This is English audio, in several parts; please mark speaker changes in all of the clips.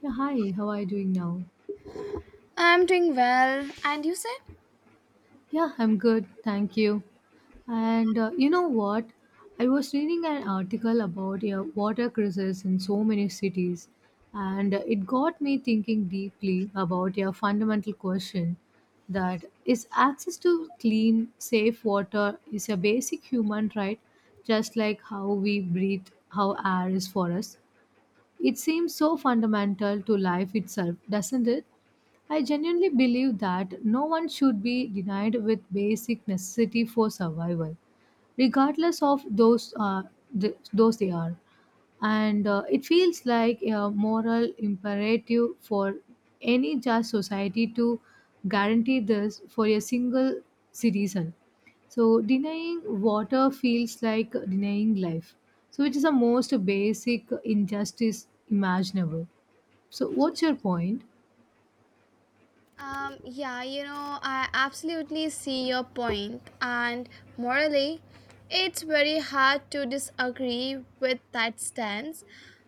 Speaker 1: Yeah, hi, how are you doing now?
Speaker 2: I'm doing well. And you say?
Speaker 1: Yeah, I'm good, thank you. And you know what? I was reading an article about, yeah, water crisis in so many cities, and it got me thinking deeply about your fundamental question, that is, access to clean, safe water is a basic human right, just like how we breathe, how air is for us. It seems so fundamental to life itself, doesn't it? I genuinely believe that no one should be denied with basic necessity for survival, regardless of those they are. And it feels like a moral imperative for any just society to guarantee this for a single citizen. So denying water feels like denying life. So it is the most basic injustice imaginable. So what's your point?
Speaker 2: I absolutely see your point, and morally, it's very hard to disagree with that stance.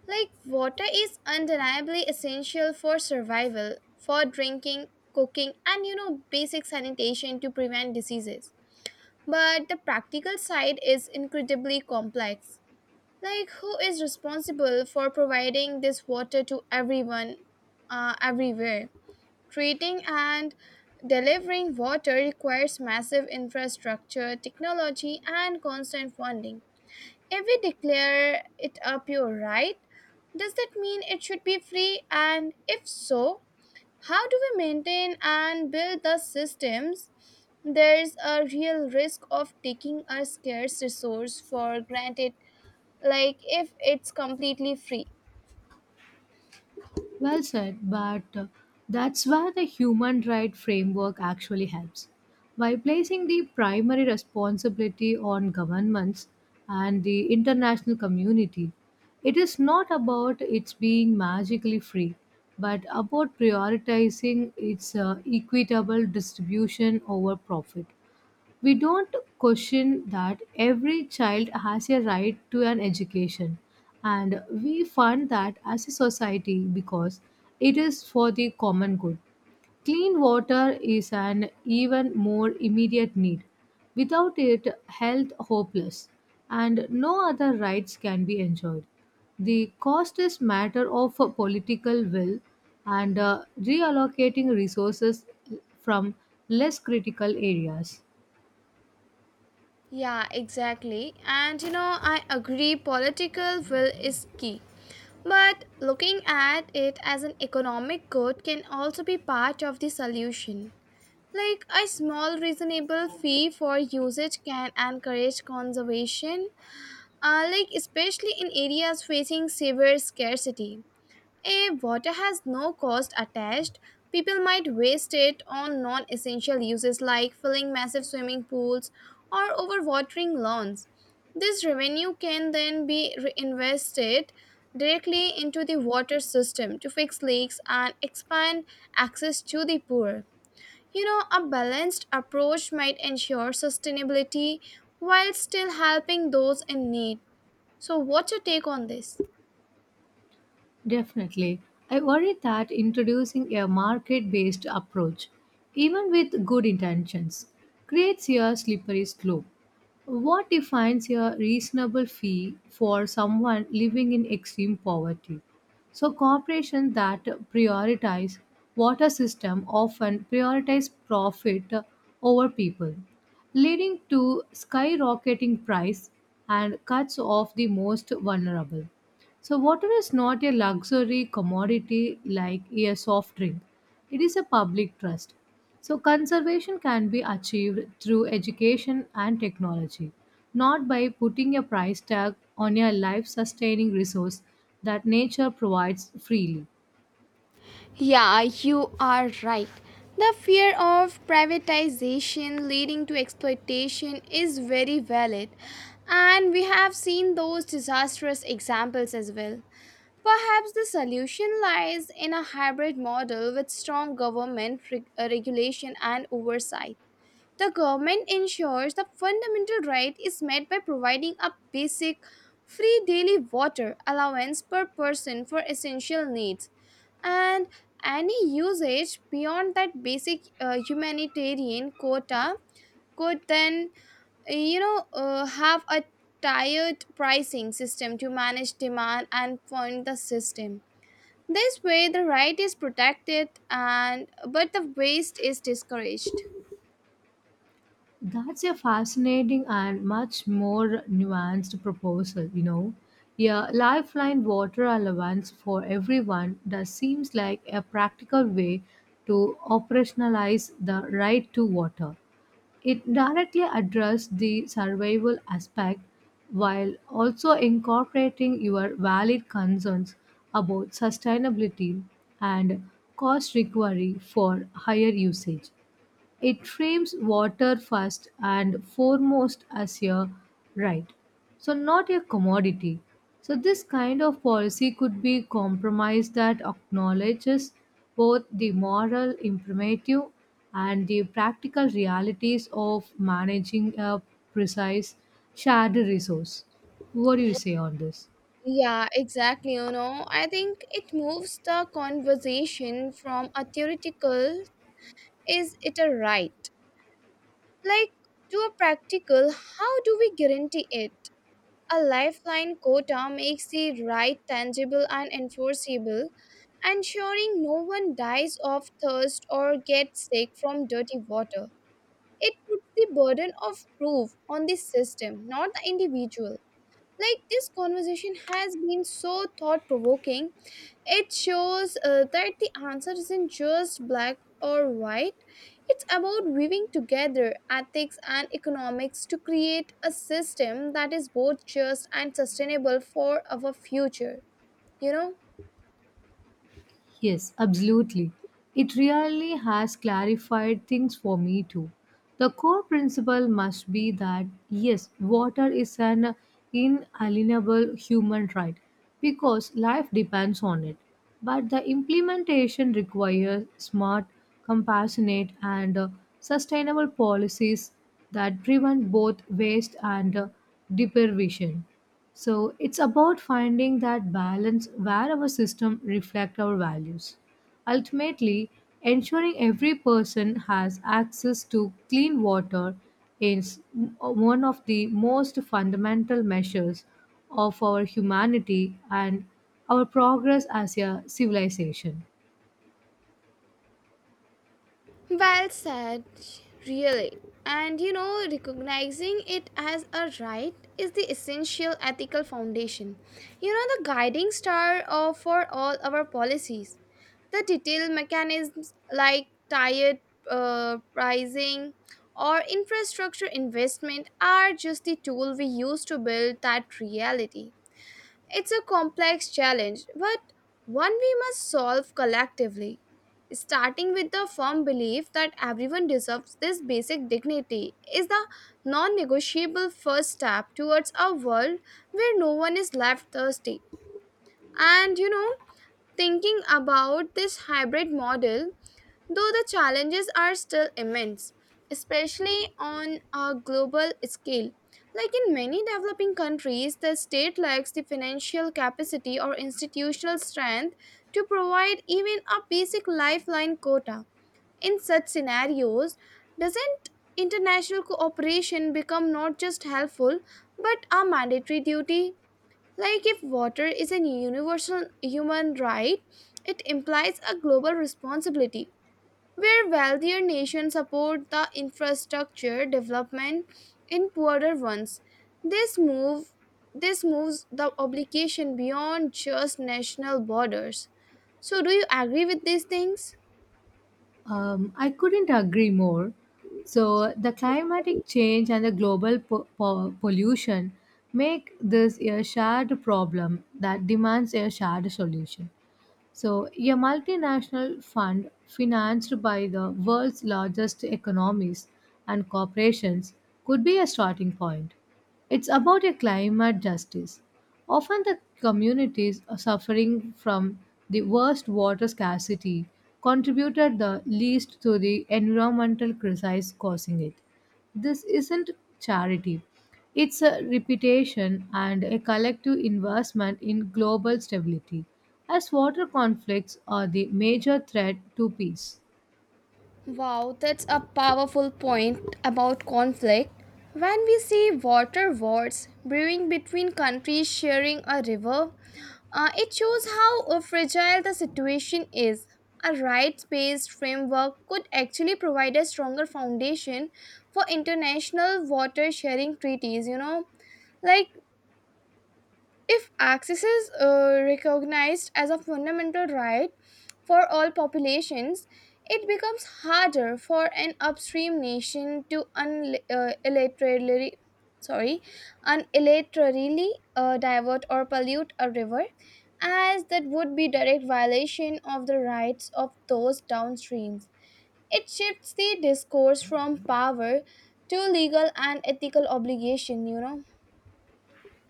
Speaker 2: Like, water is undeniably essential for survival, for drinking, cooking, and basic sanitation to prevent diseases. But the practical side is incredibly complex. Like, who is responsible for providing this water to everyone, everywhere? Treating and delivering water requires massive infrastructure, technology, and constant funding. If we declare it a pure right, does that mean it should be free? And if so, how do we maintain and build the systems? There's a real risk of taking a scarce resource for granted like if it's completely free.
Speaker 1: Well said, but that's where the human right framework actually helps. By placing the primary responsibility on governments and the international community, it is not about its being magically free, but about prioritizing its equitable distribution over profit. We don't question that every child has a right to an education, and we fund that as a society because it is for the common good. Clean water is an even more immediate need. Without it, health hopeless, and no other rights can be enjoyed. The cost is matter of a political will and reallocating resources from less critical areas.
Speaker 2: Yeah, exactly. I agree political will is key. But looking at it as an economic good can also be part of the solution. Like a small reasonable fee for usage can encourage conservation, like especially in areas facing severe scarcity. A water has no cost attached. People might waste it on non essential uses like filling massive swimming pools or overwatering lawns. This revenue can then be reinvested directly into the water system to fix leaks and expand access to the poor. A balanced approach might ensure sustainability while still helping those in need. So, what's your take on this?
Speaker 1: Definitely. I worry that introducing a market based approach, even with good intentions, creates a slippery slope. What defines a reasonable fee for someone living in extreme poverty? So, corporations that prioritize water system often prioritize profit over people, leading to skyrocketing price and cuts off the most vulnerable. So, water is not a luxury commodity like a soft drink, it is a public trust. So, conservation can be achieved through education and technology, not by putting a price tag on a life sustaining resource that nature provides freely.
Speaker 2: Yeah, you are right. The fear of privatization leading to exploitation is very valid, and we have seen those disastrous examples as well. Perhaps the solution lies in a hybrid model with strong regulation and oversight. The government ensures the fundamental right is met by providing a basic, free daily water allowance per person for essential needs, and any usage beyond that basic humanitarian quota could then have a tiered pricing system to manage demand and fund the system, this way the right is protected and but the waste is discouraged.
Speaker 1: That's a fascinating and much more nuanced proposal, you know. Yeah, lifeline water allowance for everyone, that seems like a practical way to operationalize the right to water. It directly addressed the survival aspect while also incorporating your valid concerns about sustainability and cost recovery for higher usage. It frames water first and foremost as a right, so not a commodity. So, this kind of policy could be compromise that acknowledges both the moral imperative and the practical realities of managing a precise shared resource. What do you say on this?
Speaker 2: Yeah, exactly. I think it moves the conversation from a theoretical, is it a right? Like, to a practical, how do we guarantee it? A lifeline quota makes the right tangible and enforceable, ensuring no one dies of thirst or gets sick from dirty water. It puts the burden of proof on the system, not the individual. Like, this conversation has been so thought provoking. It shows that the answer isn't just black or white. It's about weaving together ethics and economics to create a system that is both just and sustainable for our future, you know?
Speaker 1: Yes, absolutely. It really has clarified things for me too. The core principle must be that yes, water is an inalienable human right because life depends on it. But the implementation requires smart, compassionate, and sustainable policies that prevent both waste and deprivation. So it's about finding that balance where our system reflect our values. Ultimately, ensuring every person has access to clean water is one of the most fundamental measures of our humanity and our progress as a civilization.
Speaker 2: Well said, really. Recognizing it as a right is the essential ethical foundation. The guiding star of, for all our policies. The detailed mechanisms like tired pricing or infrastructure investment are just the tool we use to build that reality. It's a complex challenge, but one we must solve collectively. Starting with the firm belief that everyone deserves this basic dignity is the non negotiable first step towards a world where no one is left thirsty. And you know, Thinking about this hybrid model, though the challenges are still immense, especially on a global scale. Like in many developing countries, the state lacks the financial capacity or institutional strength to provide even a basic lifeline quota. In such scenarios, doesn't international cooperation become not just helpful but a mandatory duty? Like if water is a universal human right, it implies a global responsibility where wealthier nations support the infrastructure development in poorer ones. This move this moves the obligation beyond just national borders. So do you agree with these things?
Speaker 1: I couldn't agree more. So, the climatic change and the global pollution make this a shared problem that demands a shared solution. So, a multinational fund financed by the world's largest economies and corporations could be a starting point. It's about a climate justice. Often the communities suffering from the worst water scarcity contributed the least to the environmental crisis causing it. This isn't charity. It's a reputation and a collective investment in global stability, as water conflicts are the major threat to peace.
Speaker 2: Wow, that's a powerful point about conflict. When we see water wars brewing between countries sharing a river, it shows how fragile the situation is. A rights based framework could actually provide a stronger foundation for international water sharing treaties, you know, like if access is recognized as a fundamental right for all populations, it becomes harder for an upstream nation to sorry, unilaterally divert or pollute a river, as that would be direct violation of the rights of those downstreams. It shifts the discourse from power to legal and ethical obligation. You know,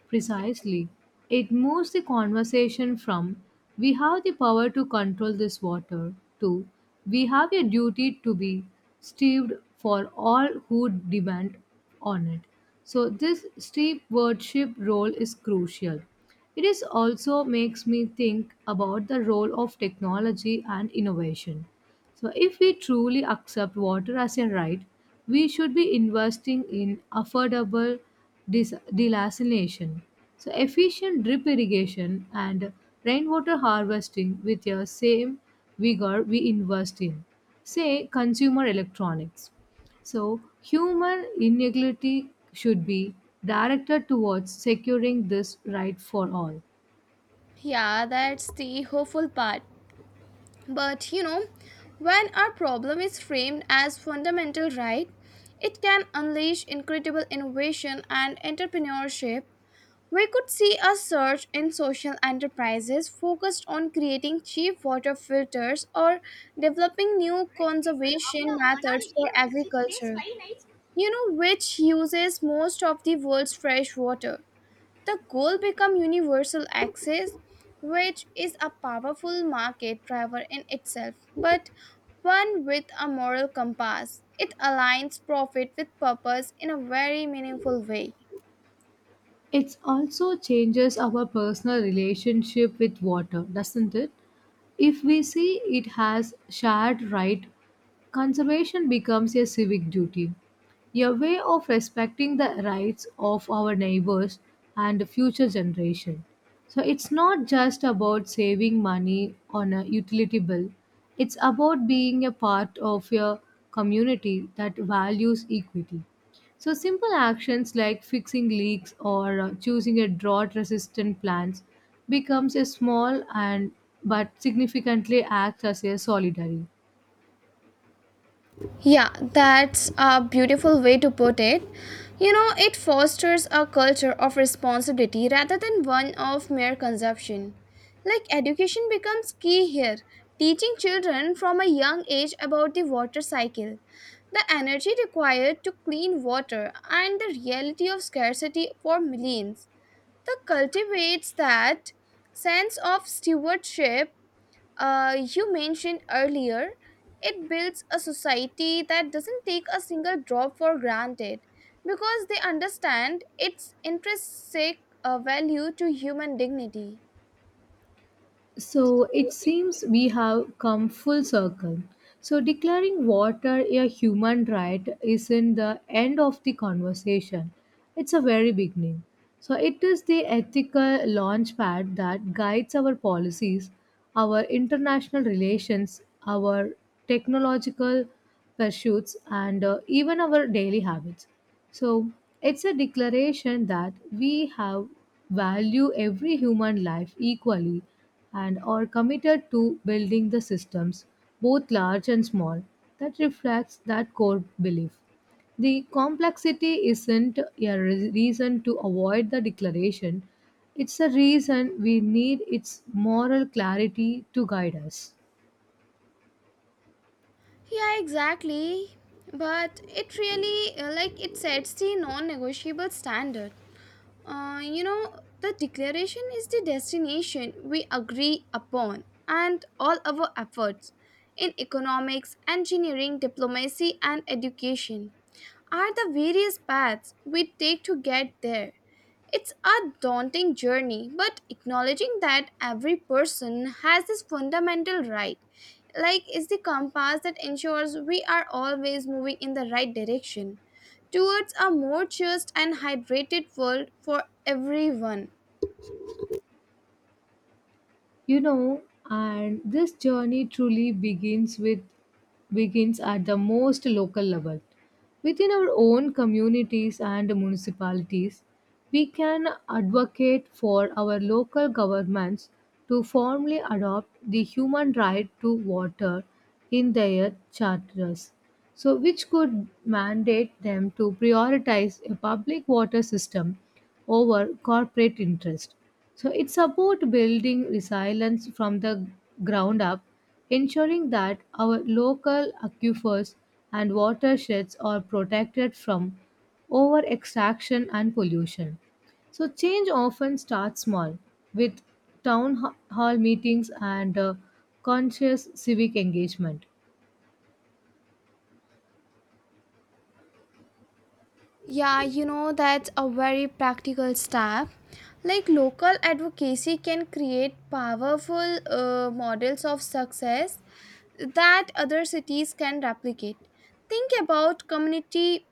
Speaker 1: Precisely, it moves the conversation from, we have the power to control this water, to, we have a duty to be stewed for all who depend on it. So, this stewardship role is crucial. It is also makes me think about the role of technology and innovation. So if we truly accept water as a right, we should be investing in affordable desalination, so efficient drip irrigation and rainwater harvesting with the same vigor we invest in, say, consumer electronics. So, human inequality should be directed towards securing this right for all.
Speaker 2: yeah, that's the hopeful part. But you know, when our problem is framed as fundamental right, it can unleash incredible innovation and entrepreneurship. We could see a surge in social enterprises focused on creating cheap water filters or developing new conservation methods for agriculture, which uses most of the world's fresh water. The goal become universal access, which is a powerful market driver in itself, but one with a moral compass. It aligns profit with purpose in a very meaningful way.
Speaker 1: It also changes our personal relationship with water, doesn't it? If we see it has shared right, conservation becomes a civic duty, a way of respecting the rights of our neighbors and the future generation. So it's not just about saving money on a utility bill. It's about being a part of a community that values equity. So simple actions like fixing leaks or choosing a drought resistant plants becomes a small and but significantly acts as a solidary.
Speaker 2: Yeah, that's a beautiful way to put it. It fosters a culture of responsibility rather than one of mere consumption. Like, education becomes key here, teaching children from a young age about the water cycle, the energy required to clean water, and the reality of scarcity for millions. The cultivates that sense of stewardship you mentioned earlier, it builds a society that doesn't take a single drop for granted because they understand its intrinsic value to human dignity.
Speaker 1: So it seems we have come full circle. So declaring water a human right isn't the end of the conversation. It's a very beginning. So it is the ethical launchpad that guides our policies, our international relations, our technological pursuits, and even our daily habits. So it's a declaration that we have value every human life equally and are committed to building the systems, both large and small, that reflects that core belief. The complexity isn't a reason to avoid the declaration, it's a reason we need its moral clarity to guide us.
Speaker 2: Yeah, exactly. But it really, like, it sets the non negotiable standard. The declaration is the destination we agree upon, and all our efforts in economics, engineering, diplomacy, and education are the various paths we take to get there. It's a daunting journey, but acknowledging that every person has this fundamental right, like, is the compass that ensures we are always moving in the right direction towards a more just and hydrated world for everyone.
Speaker 1: You know, and this journey truly begins at the most local level, within our own communities and municipalities. We can advocate for our local governments to formally adopt the human right to water in their charters, so which could mandate them to prioritize a public water system over corporate interest. So it's about building resilience from the ground up, ensuring that our local aquifers and watersheds are protected from over extraction and pollution. So change often starts small, with hall meetings and conscious civic engagement.
Speaker 2: Yeah, that's a very practical step. Like local advocacy can create powerful models of success that other cities can replicate. Think about community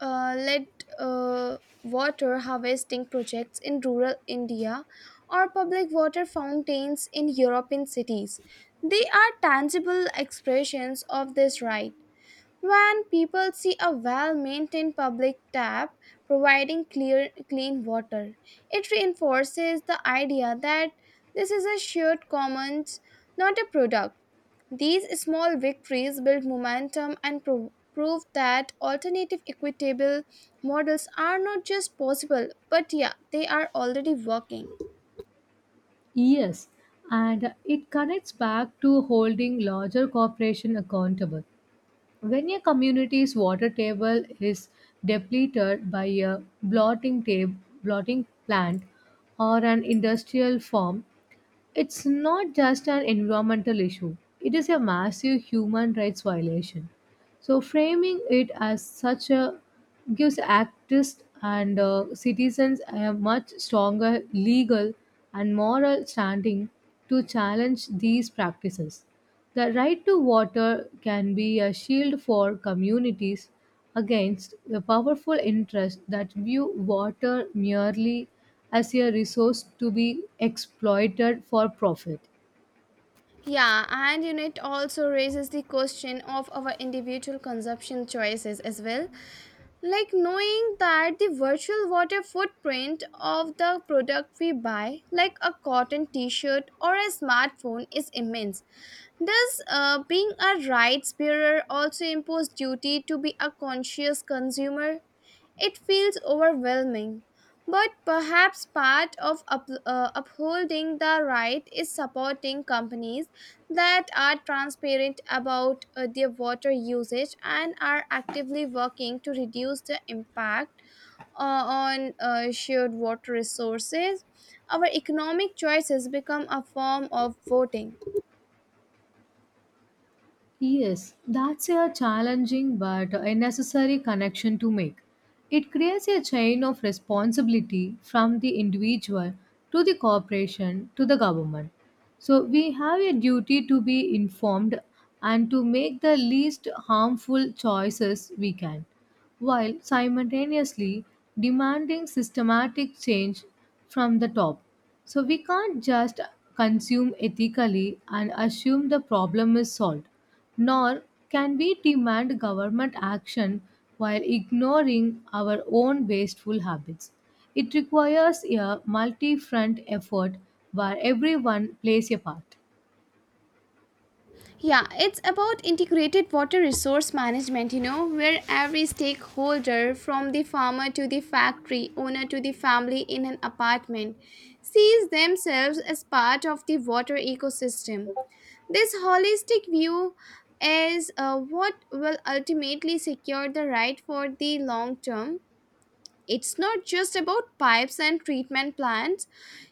Speaker 2: lead uh, water harvesting projects in rural India or public water fountains in European cities. They are tangible expressions of this right. When people see a well maintained public tap providing clear, clean water, it reinforces the idea that this is a shared commons, not a product. These small victories build momentum and prove that alternative equitable models are not just possible, but yeah, they are already working.
Speaker 1: Yes, and it connects back to holding larger corporation accountable. When a community's water table is depleted by a blotting plant or an industrial farm, it's not just an environmental issue, it is a massive human rights violation. So, framing it as such a gives activists and citizens a much stronger legal and moral standing to challenge these practices. The right to water can be a shield for communities against the powerful interests that view water merely as a resource to be exploited for profit.
Speaker 2: Yeah, it also raises the question of our individual consumption choices as well. Like knowing that the virtual water footprint of the product we buy like a cotton t-shirt or a smartphone is immense, does being a rights bearer also impose duty to be a conscious consumer? It feels overwhelming, but perhaps part of upholding the right is supporting companies that are transparent about their water usage and are actively working to reduce the impact on shared water resources. Our economic choices become a form of voting.
Speaker 1: Yes, that's a challenging but a necessary connection to make. It creates a chain of responsibility from the individual to the corporation to the government. So we have a duty to be informed and to make the least harmful choices we can, while simultaneously demanding systematic change from the top. So we can't just consume ethically and assume the problem is solved, nor can we demand government action while ignoring our own wasteful habits. It requires a multi front effort where everyone plays a part.
Speaker 2: Yeah, it's about integrated water resource management, you know, where every stakeholder, from the farmer to the factory owner to the family in an apartment, sees themselves as part of the water ecosystem. This holistic view is what will ultimately secure the right for the long term. It's not just about pipes and treatment plants.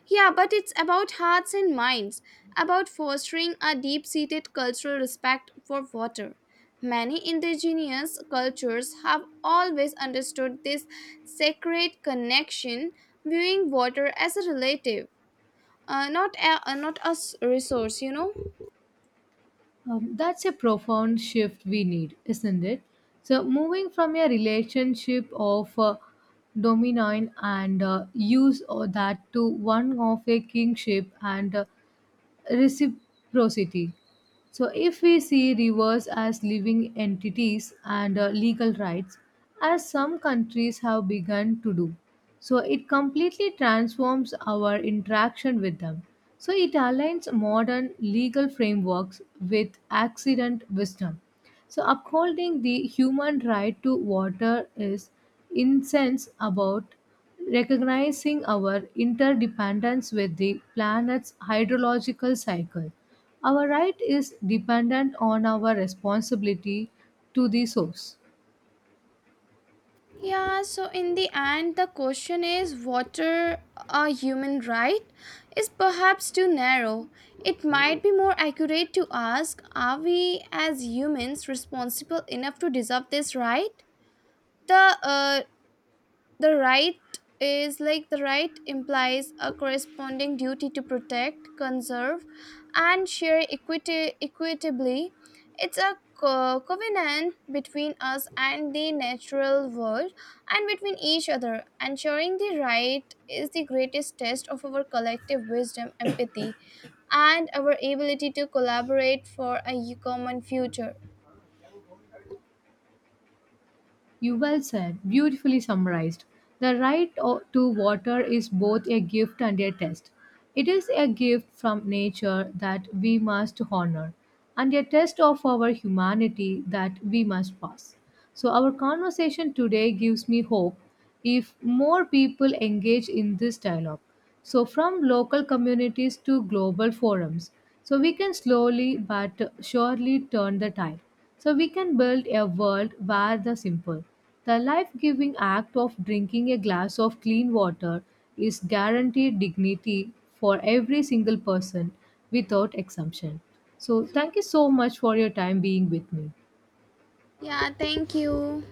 Speaker 2: Yeah, but it's about hearts and minds, about fostering a deep seated cultural respect for water. Many indigenous cultures have always understood this sacred connection, viewing water as a relative, not a resource, you know.
Speaker 1: That's a profound shift we need, isn't it? So, moving from a relationship of dominant and use of that to one of a kingship and reciprocity. So, if we see rivers as living entities and legal rights, as some countries have begun to do, so it completely transforms our interaction with them. So, it aligns modern legal frameworks with accident wisdom. So, upholding the human right to water is incense about recognizing our interdependence with the planet's hydrological cycle. Our right is dependent on our responsibility to the source.
Speaker 2: Yeah, so in the end, the question is water a human right is perhaps too narrow. It might be more accurate to ask, are we as humans responsible enough to deserve this right? The uh, the right the right implies a corresponding duty to protect, conserve, and share equitably. It's a covenant between us and the natural world and between each other. Ensuring the right is the greatest test of our collective wisdom, empathy, and our ability to collaborate for a common future.
Speaker 1: You well said, beautifully summarized. The right to water is both a gift and a test. It is a gift from nature that we must honor, and a test of our humanity that we must pass. So, our conversation today gives me hope if more people engage in this dialogue. So, from local communities to global forums, so we can slowly but surely turn the tide. So we can build a world where the simple, the life giving act of drinking a glass of clean water is guaranteed dignity for every single person without exemption. So thank you so much for your time being with me.
Speaker 2: Yeah, thank you.